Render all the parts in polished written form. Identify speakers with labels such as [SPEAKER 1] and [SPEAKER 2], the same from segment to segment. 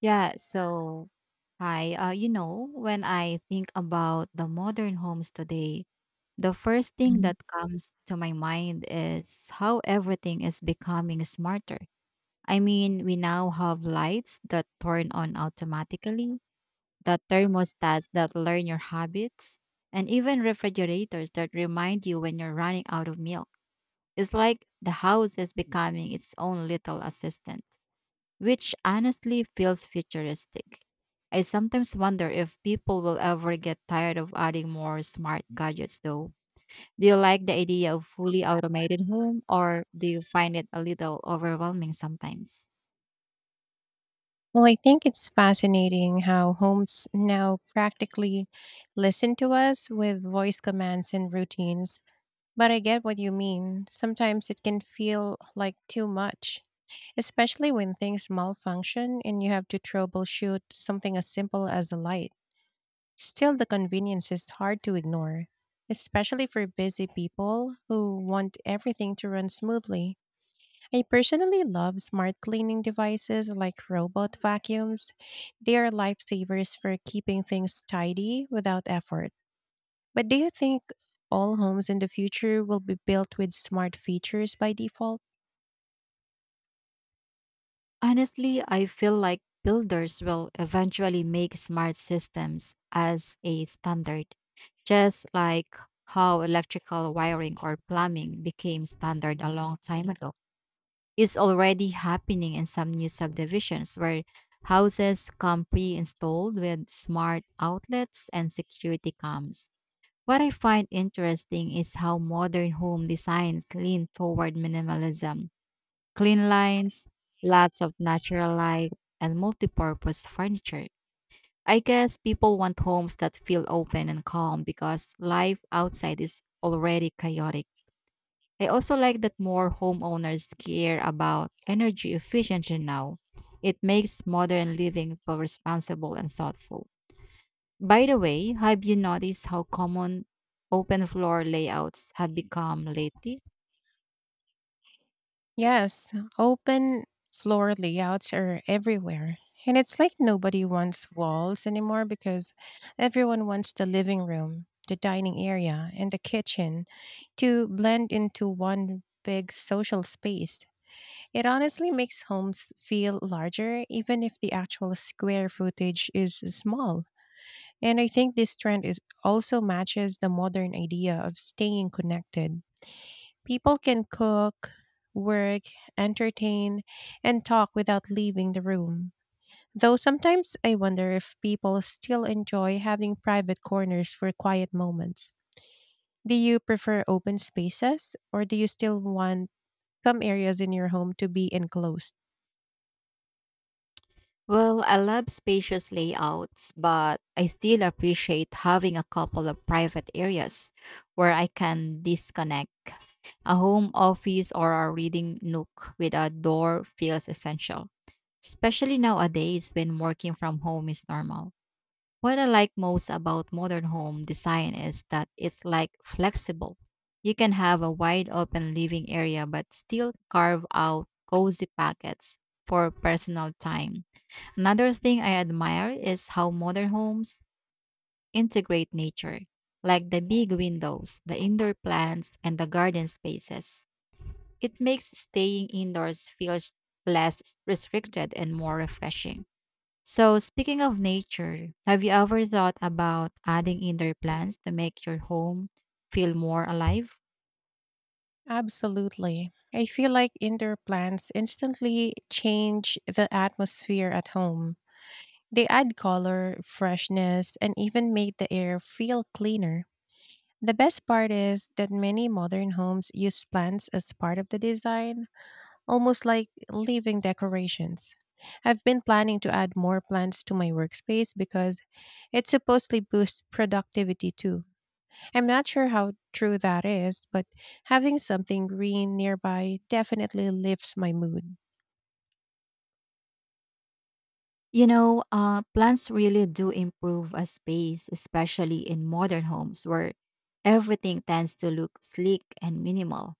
[SPEAKER 1] Yeah, so when I think about the modern homes today, the first thing
[SPEAKER 2] Mhm.
[SPEAKER 1] that comes to my mind is how everything is becoming smarter. I mean, we now have lights that turn on automatically, the thermostats that learn your habits, and even refrigerators that remind you when you're running out of milk. It's like the house is becoming its own little assistant which honestly feels futuristic. I sometimes wonder if people will ever get tired of adding more smart gadgets, though. Do you like the idea of fully automated home, or do you find it a little overwhelming sometimes?
[SPEAKER 2] Well, I think it's fascinating how homes now practically listen to us with voice commands and routines. But I get what you mean. Sometimes it can feel like too much, especially when things malfunction and you have to troubleshoot something as simple as a light. Still, the convenience is hard to ignore, especially for busy people who want everything to run smoothly. I personally love smart cleaning devices like robot vacuums. They are lifesavers for keeping things tidy without effort. But do you think all homes in the future will be built with smart features by default?
[SPEAKER 1] Honestly, I feel like builders will eventually make smart systems as a standard, just like how electrical wiring or plumbing became standard a long time ago. Is already happening in some new subdivisions where houses come pre-installed with smart outlets and security cams. What I find interesting is how modern home designs lean toward minimalism, clean lines, lots of natural light, and multi-purpose furniture. I guess people want homes that feel open and calm because life outside is already chaotic. I also like that more homeowners care about energy efficiency now. It makes modern living feel responsible and thoughtful. By the way, have you noticed how common open floor layouts have become lately?
[SPEAKER 2] Yes, open floor layouts are everywhere. And it's like nobody wants walls anymore because everyone wants the living room, the dining area, and the kitchen to blend into one big social space. It honestly makes homes feel larger, even if the actual square footage is small. And I think this trend is also matches the modern idea of staying connected. People can cook, work, entertain, and talk without leaving the room. Though sometimes I wonder if people still enjoy having private corners for quiet moments. Do you prefer open spaces, or do you still want some areas in your home to be enclosed?
[SPEAKER 1] Well, I love spacious layouts, but I still appreciate having a couple of private areas where I can disconnect. A home office or a reading nook with a door feels essential, especially nowadays when working from home is normal. What I like most about modern home design is that it's like flexible. You can have a wide open living area but still carve out cozy pockets for personal time. Another thing I admire is how modern homes integrate nature, like the big windows, the indoor plants, and the garden spaces. It makes staying indoors feel less restricted and more refreshing. So, speaking of nature, have you ever thought about adding indoor plants to make your home feel more alive?
[SPEAKER 2] Absolutely. I feel like indoor plants instantly change the atmosphere at home. They add color, freshness, and even make the air feel cleaner. The best part is that many modern homes use plants as part of the design, almost like living decorations. I've been planning to add more plants to my workspace because it supposedly boosts productivity too. I'm not sure how true that is, but having something green nearby definitely lifts my mood.
[SPEAKER 1] Plants really do improve a space, especially in modern homes where everything tends to look sleek and minimal.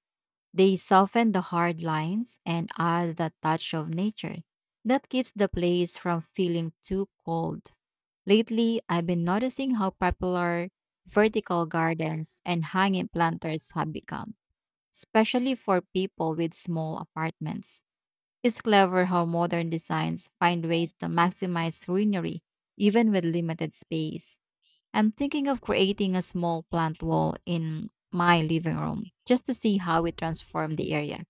[SPEAKER 1] They soften the hard lines and add the touch of nature that keeps the place from feeling too cold. Lately, I've been noticing how popular vertical gardens and hanging planters have become, especially for people with small apartments. It's clever how modern designs find ways to maximize greenery even with limited space. I'm thinking of creating a small plant wall in my living room just to see how it transforms the area.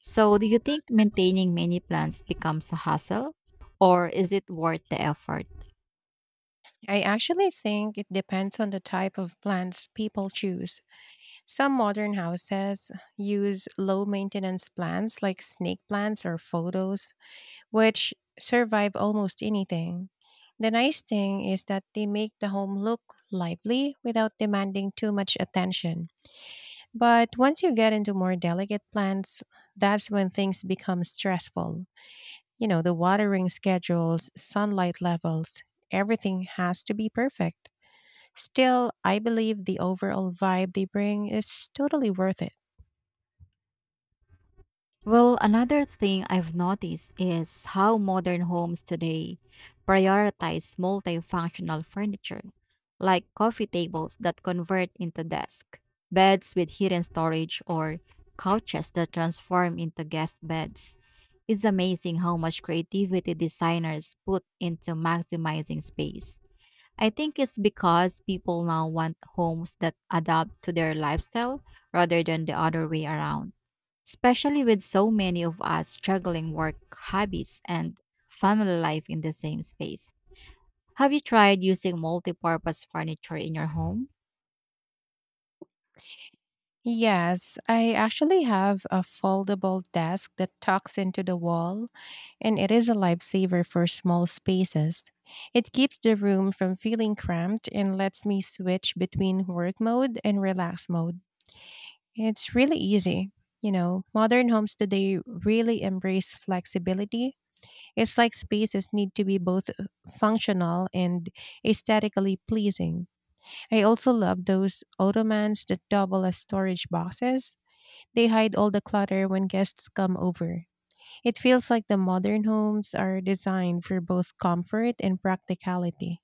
[SPEAKER 1] So, do you think maintaining many plants becomes a hassle or is it worth the effort?
[SPEAKER 2] I actually think it depends on the type of plants people choose. Some modern houses use low maintenance plants like snake plants or photos, which survive almost anything. The nice thing is that they make the home look lively without demanding too much attention. But once you get into more delicate plants, that's when things become stressful. The watering schedules, sunlight levels, everything has to be perfect. Still, I believe the overall vibe they bring is totally worth it.
[SPEAKER 1] Well, another thing I've noticed is how modern homes today prioritize multifunctional furniture, like coffee tables that convert into desks, beds with hidden storage, or couches that transform into guest beds. It's amazing how much creativity designers put into maximizing space. I think it's because people now want homes that adapt to their lifestyle rather than the other way around, especially with so many of us juggling work habits and family life in the same space. Have you tried using multi-purpose furniture in your home?
[SPEAKER 2] Yes, I actually have a foldable desk that tucks into the wall, and it is a lifesaver for small spaces. It keeps the room from feeling cramped and lets me switch between work mode and relax mode. It's really easy. Modern homes today really embrace flexibility. It's like spaces need to be both functional and aesthetically pleasing. I also love those ottomans that double as storage boxes. They hide all the clutter when guests come over. It feels like the modern homes are designed for both comfort and practicality.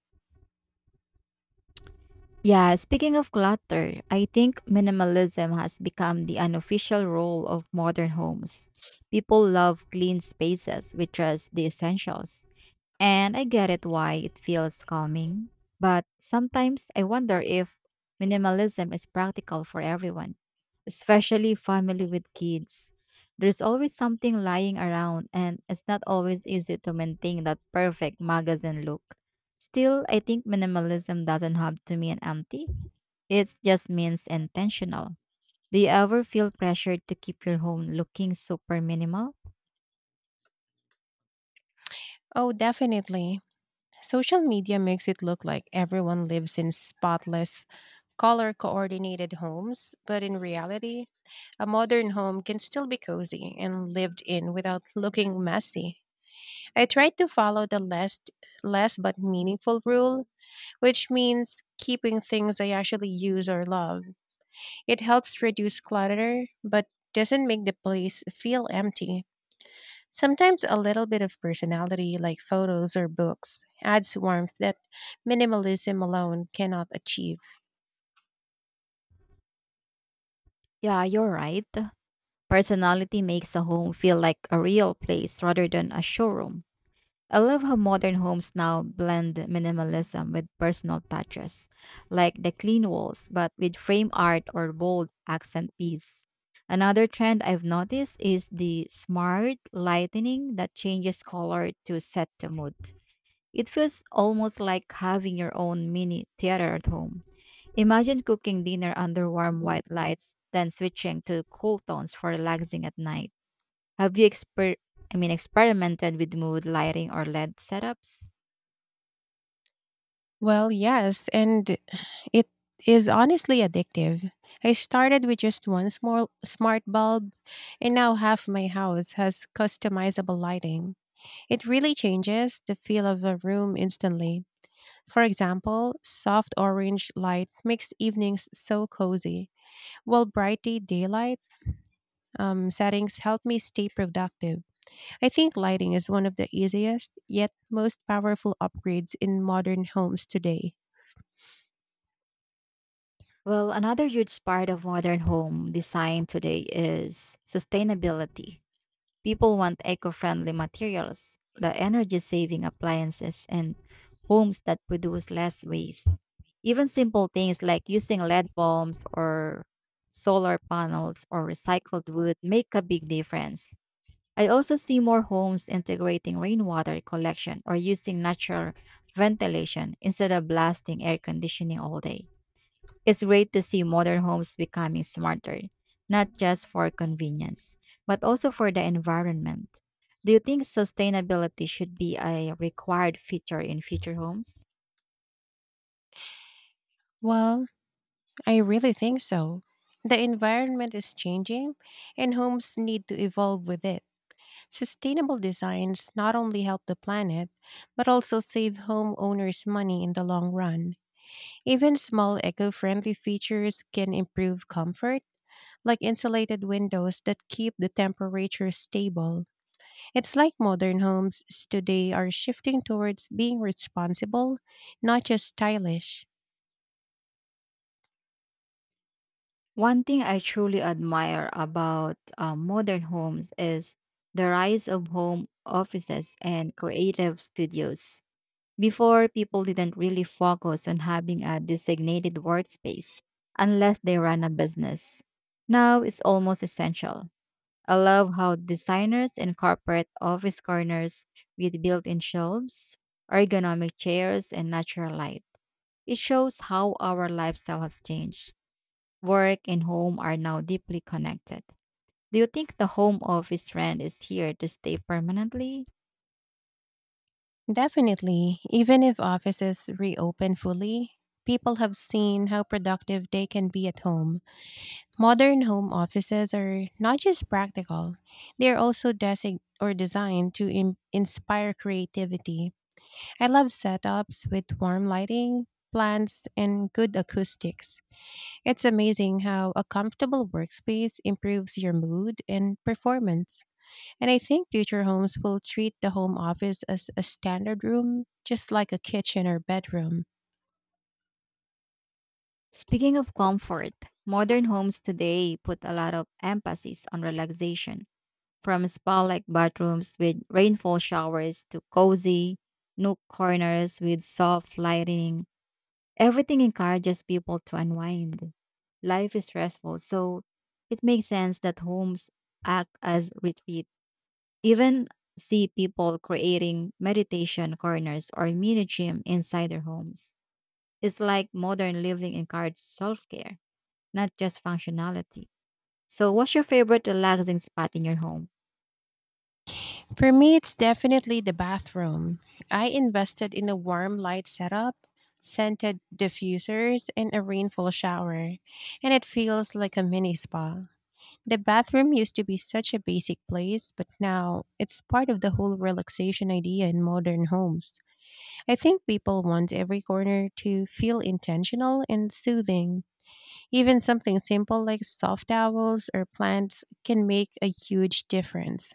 [SPEAKER 1] Yeah, speaking of clutter, I think minimalism has become the unofficial role of modern homes. People love clean spaces with just the essentials, and I get it why it feels calming, but sometimes I wonder if minimalism is practical for everyone, especially family with kids. There's always something lying around, and it's not always easy to maintain that perfect magazine look. Still, I think minimalism doesn't have to mean empty, it just means intentional. Do you ever feel pressured to keep your home looking super minimal?
[SPEAKER 2] Oh, definitely. Social media makes it look like everyone lives in spotless, color coordinated homes, but in reality, a modern home can still be cozy and lived in without looking messy. I tried to follow the less but meaningful rule, which means keeping things I actually use or love. It helps reduce clutter, but doesn't make the place feel empty. Sometimes a little bit of personality, like photos or books, adds warmth that minimalism alone cannot achieve.
[SPEAKER 1] Yeah, you're right. Personality makes the home feel like a real place rather than a showroom. I love how modern homes now blend minimalism with personal touches, like the clean walls, but with frame art or bold accent piece. Another trend I've noticed is the smart lightening that changes color to set the mood. It feels almost like having your own mini theater at home. Imagine cooking dinner under warm white lights, then switching to cool tones for relaxing at night. Have you exper- I mean experimented with mood lighting or LED setups?
[SPEAKER 2] Well, yes, and it is honestly addictive. I started with just one small smart bulb, and now half my house has customizable lighting. It really changes the feel of a room instantly. For example, soft orange light makes evenings so cozy, while brighty daylight settings help me stay productive. I think lighting is one of the easiest, yet most powerful upgrades in modern homes today.
[SPEAKER 1] Well, another huge part of modern home design today is sustainability. People want eco-friendly materials, the energy-saving appliances, and homes that produce less waste. Even simple things like using lead bulbs or solar panels or recycled wood make a big difference. I also see more homes integrating rainwater collection or using natural ventilation instead of blasting air conditioning all day. It's great to see modern homes becoming smarter, not just for convenience, but also for the environment. Do you think sustainability should be a required feature in future homes?
[SPEAKER 2] Well, I really think so. The environment is changing, and homes need to evolve with it. Sustainable designs not only help the planet, but also save homeowners money in the long run. Even small eco friendly features can improve comfort, like insulated windows that keep the temperature stable. It's like modern homes today are shifting towards being responsible, not just stylish.
[SPEAKER 1] One thing I truly admire about modern homes is the rise of home offices and creative studios. Before, people didn't really focus on having a designated workspace unless they ran a business. Now it's almost essential. I love how designers incorporate office corners with built in shelves, ergonomic chairs, and natural light. It shows how our lifestyle has changed. Work and home are now deeply connected. Do you think the home office trend is here to stay permanently?
[SPEAKER 2] Definitely, even if offices reopen fully, people have seen how productive they can be at home. Modern home offices are not just practical, they are also designed to inspire creativity. I love setups with warm lighting, plants, and good acoustics. It's amazing how a comfortable workspace improves your mood and performance. And I think future homes will treat the home office as a standard room, just like a kitchen or bedroom.
[SPEAKER 1] Speaking of comfort, modern homes today put a lot of emphasis on relaxation, from spa like bathrooms with rainfall showers to cozy nook corners with soft lighting. Everything encourages people to unwind. Life is stressful, so it makes sense that homes act as retreats. Even see people creating meditation corners or mini gym inside their homes. It's like modern living encourages self care, not just functionality. So, what's your favorite relaxing spot in your home?
[SPEAKER 2] For me, it's definitely the bathroom. I invested in a warm light setup, scented diffusers, and a rainfall shower, and it feels like a mini spa. The bathroom used to be such a basic place, but now it's part of the whole relaxation idea in modern homes. I think people want every corner to feel intentional and soothing. Even something simple like soft towels or plants can make a huge difference.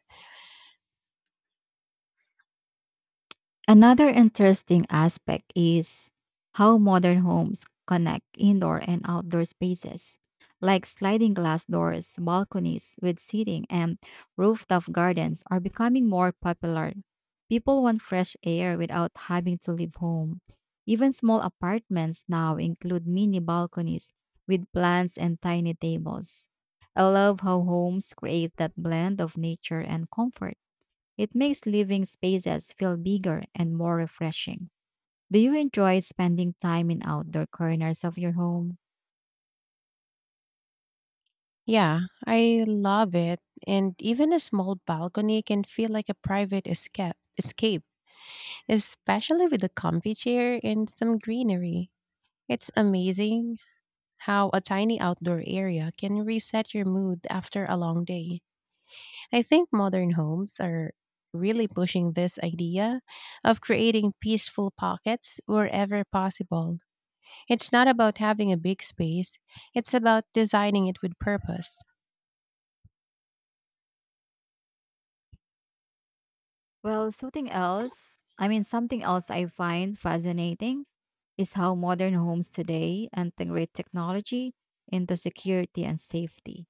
[SPEAKER 1] Another interesting aspect is how modern homes connect indoor and outdoor spaces, like sliding glass doors, balconies with seating, and rooftop gardens are becoming more popular. People want fresh air without having to leave home. Even small apartments now include mini balconies with plants and tiny tables. I love how homes create that blend of nature and comfort. It makes living spaces feel bigger and more refreshing. Do you enjoy spending time in outdoor corners of your home?
[SPEAKER 2] Yeah, I love it. And even a small balcony can feel like a private escape, especially with a comfy chair and some greenery. It's amazing how a tiny outdoor area can reset your mood after a long day. I think modern homes are really pushing this idea of creating peaceful pockets wherever possible. It's not about having a big space, it's about designing it with purpose.
[SPEAKER 1] Well, something else I find fascinating is how modern homes today integrate technology into security and safety.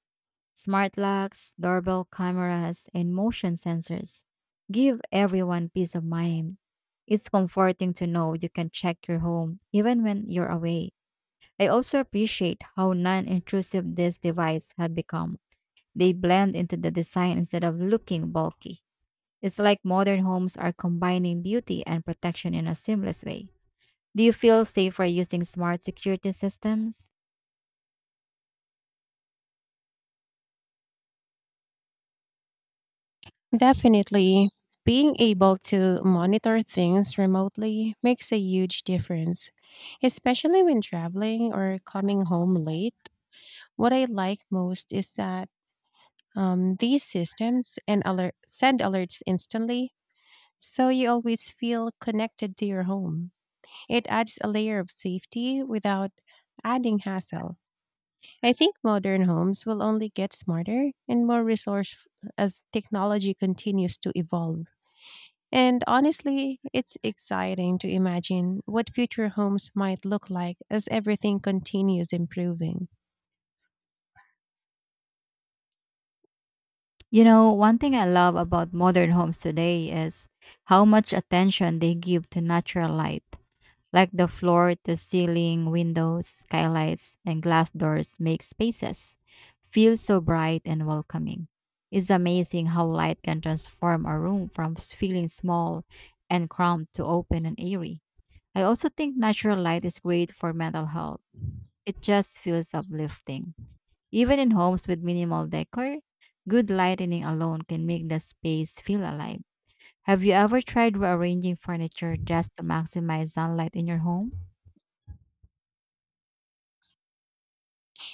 [SPEAKER 1] Smart locks, doorbell cameras, and motion sensors give everyone peace of mind. It's comforting to know you can check your home even when you're away. I also appreciate how non intrusive this device had become. They blend into the design instead of looking bulky. It's like modern homes are combining beauty and protection in a seamless way. Do you feel safer using smart security systems?
[SPEAKER 2] Definitely. Being able to monitor things remotely makes a huge difference, especially when traveling or coming home late. What I like most is that these systems and alert send alerts instantly, so you always feel connected to your home. It adds a layer of safety without adding hassle. I think modern homes will only get smarter and more resourceful as technology continues to evolve. And honestly, it's exciting to imagine what future homes might look like as everything continues improving.
[SPEAKER 1] You know, one thing I love about modern homes today is how much attention they give to natural light, like the floor to ceiling windows, skylights, and glass doors make spaces feel so bright and welcoming. It's amazing how light can transform a room from feeling small and cramped to open and airy. I also think natural light is great for mental health. It just feels uplifting. Even in homes with minimal decor, good lighting alone can make the space feel alive. Have you ever tried rearranging furniture just to maximize sunlight in your home?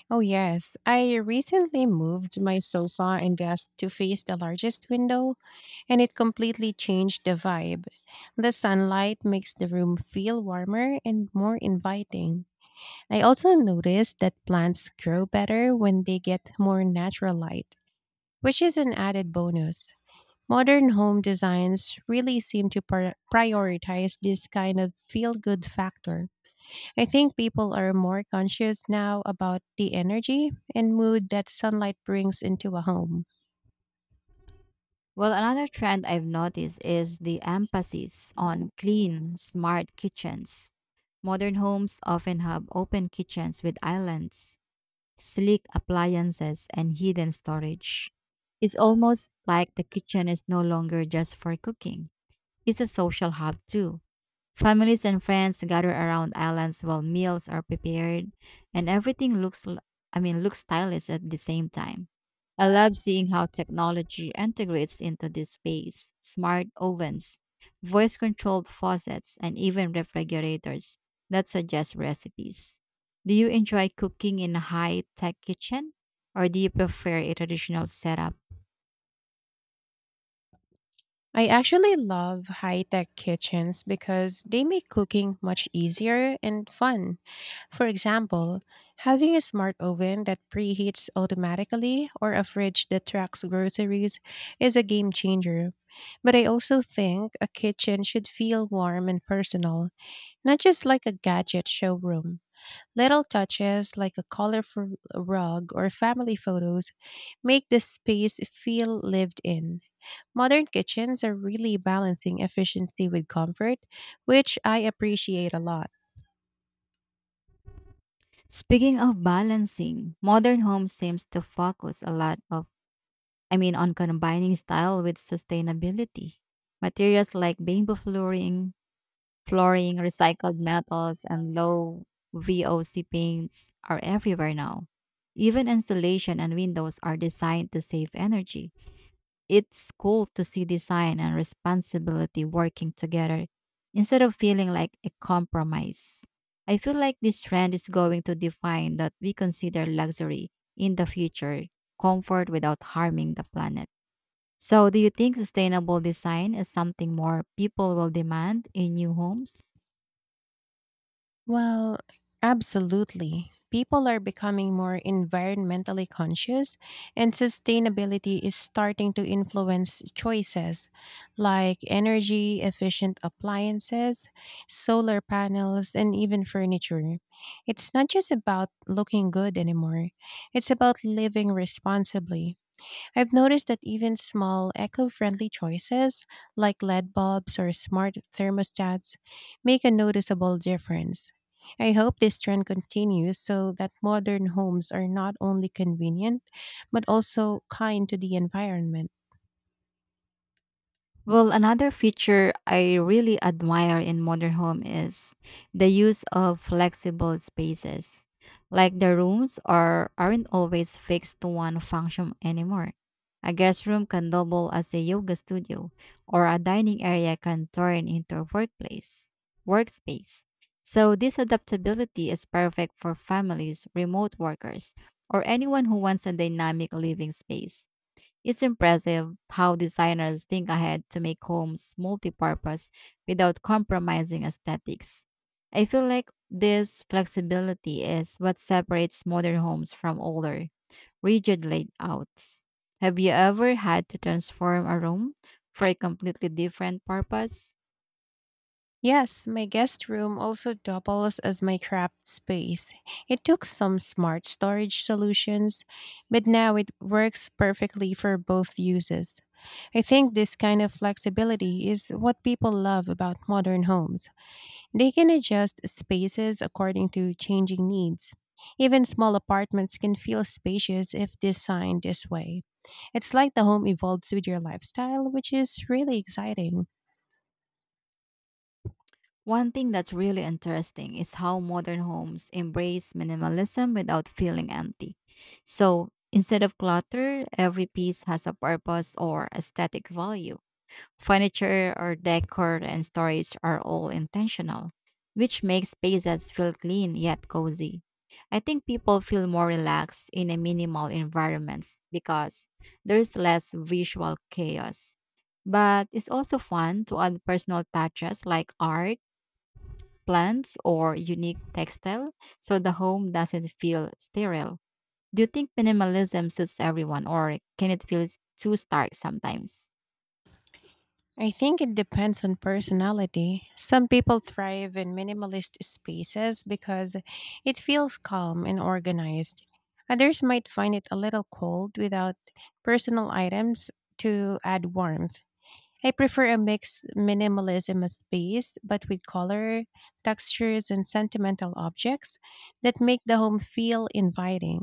[SPEAKER 2] Oh, yes. I recently moved my sofa and desk to face the largest window, and it completely changed the vibe. The sunlight makes the room feel warmer and more inviting. I also noticed that plants grow better when they get more natural light, which is an added bonus. Modern home designs really seem to prioritize this kind of feel good factor. I think people are more conscious now about the energy and mood that sunlight brings into a home.
[SPEAKER 1] Well, another trend I've noticed is the emphasis on clean, smart kitchens. Modern homes often have open kitchens with islands, sleek appliances, and hidden storage. It's almost like the kitchen is no longer just for cooking. It's a social hub too. Families and friends gather around islands while meals are prepared and everything looks l- I mean looks stylish at the same time. I love seeing how technology integrates into this space. Smart ovens, voice controlled faucets, and even refrigerators that suggest recipes. Do you enjoy cooking in a high tech kitchen or do you prefer a traditional setup?
[SPEAKER 2] I actually love high tech kitchens because they make cooking much easier and fun. For example, having a smart oven that preheats automatically or a fridge that tracks groceries is a game changer. But I also think a kitchen should feel warm and personal, not just like a gadget showroom. Little touches like a colorful rug or family photos make the space feel lived in. Modern kitchens are really balancing efficiency with comfort, which I appreciate a lot.
[SPEAKER 1] Speaking of balancing, modern homes seems to focus a lot of I mean on combining style with sustainability. Materials like bamboo flooring, recycled metals and low VOC paints are everywhere now. Even insulation and windows are designed to save energy. It's cool to see design and responsibility working together instead of feeling like a compromise. I feel like this trend is going to define that we consider luxury in the future, comfort without harming the planet. So, do you think sustainable design is something more people will demand in new homes?
[SPEAKER 2] Well, absolutely. People are becoming more environmentally conscious, and sustainability is starting to influence choices like energy efficient appliances, solar panels, and even furniture. It's not just about looking good anymore, it's about living responsibly. I've noticed that even small eco friendly choices like LED bulbs or smart thermostats make a noticeable difference. I hope this trend continues so that modern homes are not only convenient but also kind to the environment.
[SPEAKER 1] Well, another feature I really admire in modern home is the use of flexible spaces. Like the rooms aren't always fixed to one function anymore. A guest room can double as a yoga studio, or a dining area can turn into a workspace. So this adaptability is perfect for families, remote workers, or anyone who wants a dynamic living space. It's impressive how designers think ahead to make homes multi-purpose without compromising aesthetics. I feel like this flexibility is what separates modern homes from older, rigid layouts. Have you ever had to transform a room for a completely different purpose?
[SPEAKER 2] Yes, my guest room also doubles as my craft space. It took some smart storage solutions, but now it works perfectly for both uses. I think this kind of flexibility is what people love about modern homes. They can adjust spaces according to changing needs. Even small apartments can feel spacious if designed this way. It's like the home evolves with your lifestyle, which is really exciting.
[SPEAKER 1] One thing that's really interesting is how modern homes embrace minimalism without feeling empty. So instead of clutter, every piece has a purpose or aesthetic value. Furniture or decor and storage are all intentional, which makes spaces feel clean yet cozy. I think people feel more relaxed in a minimal environments because there's less visual chaos. But it's also fun to add personal touches like art plants or unique textile so the home doesn't feel sterile. Do you think minimalism suits everyone or can it feel too stark sometimes?
[SPEAKER 2] I think it depends on personality. Some people thrive in minimalist spaces because it feels calm and organized. Others might find it a little cold without personal items to add warmth. I prefer a mixed minimalism of space, but with color, textures, and sentimental objects that make the home feel inviting.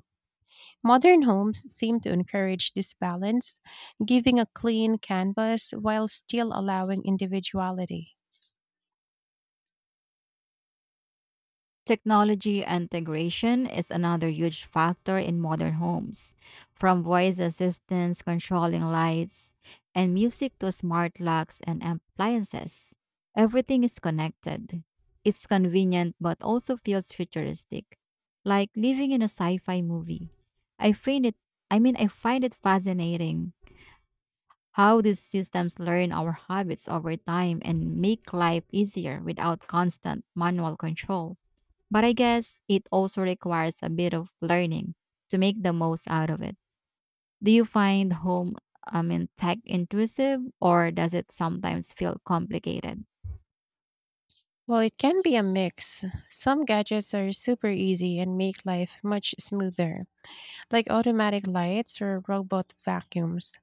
[SPEAKER 2] Modern homes seem to encourage this balance, giving a clean canvas while still allowing individuality.
[SPEAKER 1] Technology integration is another huge factor in modern homes, from voice assistants controlling lights and music to smart locks and appliances. Everything is connected. It's convenient but also feels futuristic, like living in a sci-fi movie. I find it I mean I find it fascinating how these systems learn our habits over time and make life easier without constant manual control. But I guess it also requires a bit of learning to make the most out of it. Do you find tech intrusive or does it sometimes feel complicated?
[SPEAKER 2] While it can be a mix, some gadgets are super easy and make life much smoother, like automatic lights or robot vacuums.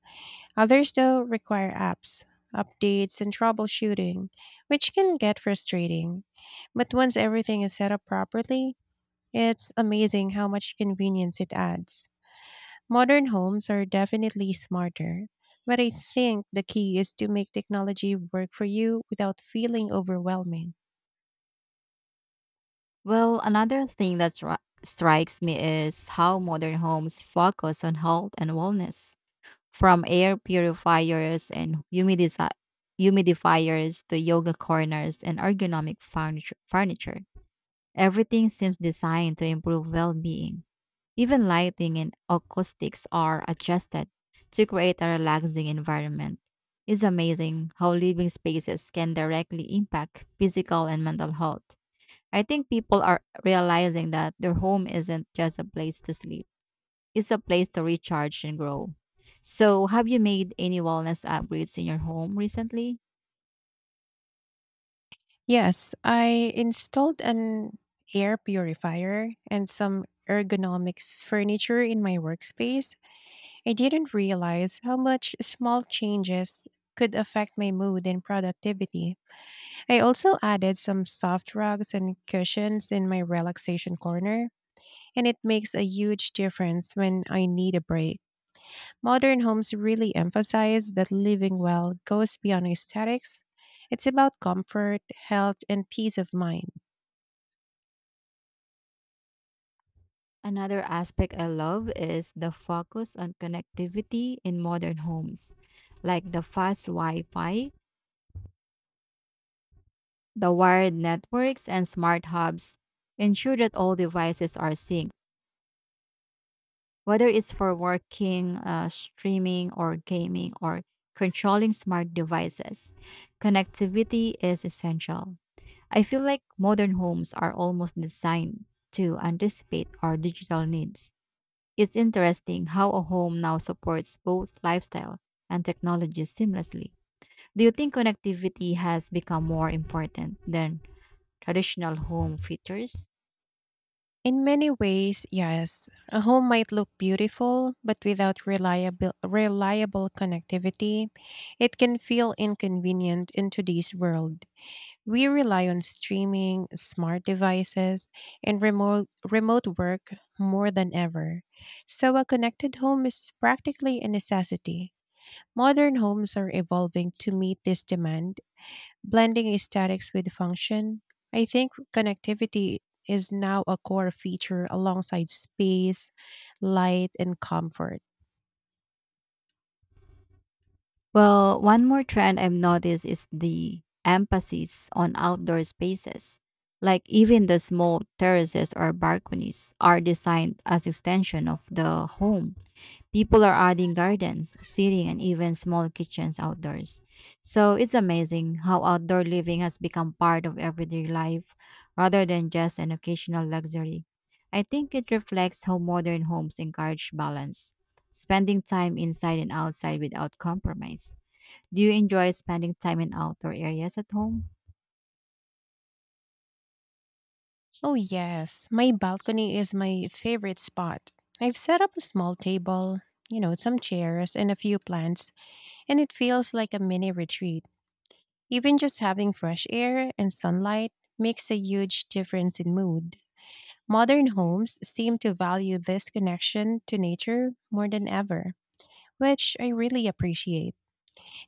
[SPEAKER 2] Others, though, require apps, updates, and troubleshooting, which can get frustrating. But once everything is set up properly, it's amazing how much convenience it adds. Modern homes are definitely smarter, but I think the key is to make technology work for you without feeling overwhelming.
[SPEAKER 1] Well, another thing that strikes me is how modern homes focus on health and wellness. From air purifiers and humidifiers to yoga corners and ergonomic furniture, everything seems designed to improve well being. Even lighting and acoustics are adjusted to create a relaxing environment. It's amazing how living spaces can directly impact physical and mental health. I think people are realizing that their home isn't just a place to sleep, it's a place to recharge and grow. So, have you made any wellness upgrades in your home recently?
[SPEAKER 2] Yes, I installed an air purifier and some ergonomic furniture in my workspace. I didn't realize how much small changes could affect my mood and productivity. I also added some soft rugs and cushions in my relaxation corner, and it makes a huge difference when I need a break. Modern homes really emphasize that living well goes beyond aesthetics. It's about comfort, health, and peace of mind.
[SPEAKER 1] Another aspect I love is the focus on connectivity in modern homes, like the fast Wi Fi The wired networks and smart hubs ensure that all devices are synced, whether it's for working, streaming, or gaming, or controlling smart devices. Connectivity is essential. I feel like modern homes are almost designed to anticipate our digital needs. It's interesting how a home now supports both lifestyle and technology seamlessly. Do you think connectivity has become more important than traditional home features?
[SPEAKER 2] In many ways, yes, a home might look beautiful, but without reliable connectivity, it can feel inconvenient in today's world. We rely on streaming, smart devices, and remote work more than ever. So, a connected home is practically a necessity. Modern homes are evolving to meet this demand blending aesthetics with function. I think connectivity is now a core feature alongside space, light, and comfort.
[SPEAKER 1] Well, one more trend I've noticed is the emphasis on outdoor spaces. Like even the small terraces or balconies are designed as extension of the home. People are adding gardens, seating, and even small kitchens outdoors. So it's amazing how outdoor living has become part of everyday life rather than just an occasional luxury. I think it reflects how modern homes encourage balance, spending time inside and outside without compromise. Do you enjoy spending time in outdoor areas at home?
[SPEAKER 2] Oh, yes. My balcony is my favorite spot. I've set up a small table, some chairs and a few plants, and it feels like a mini retreat. Even just having fresh air and sunlight makes a huge difference in mood. Modern homes seem to value this connection to nature more than ever, which I really appreciate.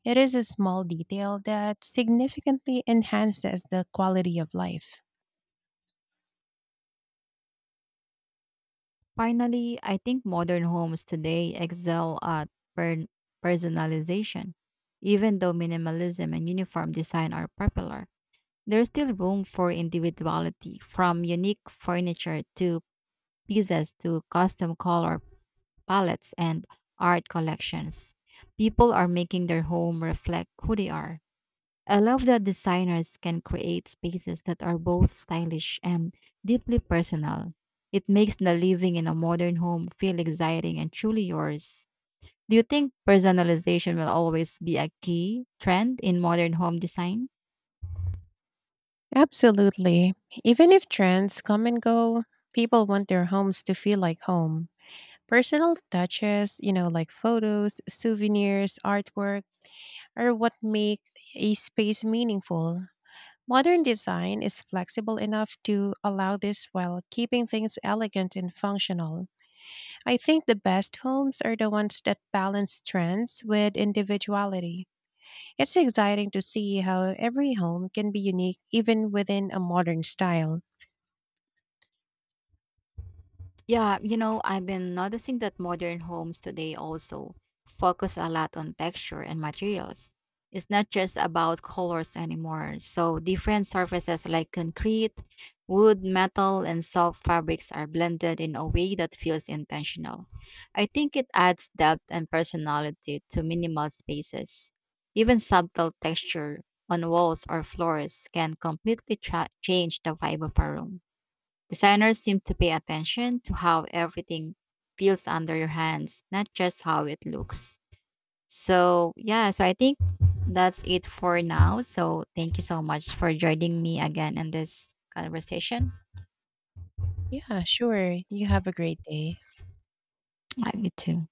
[SPEAKER 2] It is a small detail that significantly enhances the quality of life.
[SPEAKER 1] Finally, I think modern homes today excel at per- personalization. Even though minimalism and uniform design are popular, there's still room for individuality, from unique furniture to pieces to custom color palettes and art collections. People are making their home reflect who they are. I love that designers can create spaces that are both stylish and deeply personal. It makes the living in a modern home feel exciting and truly yours. Do you think personalization will always be a key trend in modern home design?
[SPEAKER 2] Absolutely. Even if trends come and go, people want their homes to feel like home. Personal touches, like photos, souvenirs, artwork, are what make a space meaningful. Modern design is flexible enough to allow this while keeping things elegant and functional. I think the best homes are the ones that balance trends with individuality. It's exciting to see how every home can be unique even within a modern style.
[SPEAKER 1] Yeah, you know, I've been noticing that modern homes today also focus a lot on texture and materials. It's not just about colors anymore. So, different surfaces like concrete, wood, metal, and soft fabrics are blended in a way that feels intentional. I think it adds depth and personality to minimal spaces. Even subtle texture on walls or floors can completely change the vibe of a room. Designers seem to pay attention to how everything feels under your hands, not just how it looks. So, yeah, I think that's it for now. So, thank you so much for joining me again in this conversation.
[SPEAKER 2] Yeah, sure. You have a great day.
[SPEAKER 1] I you too.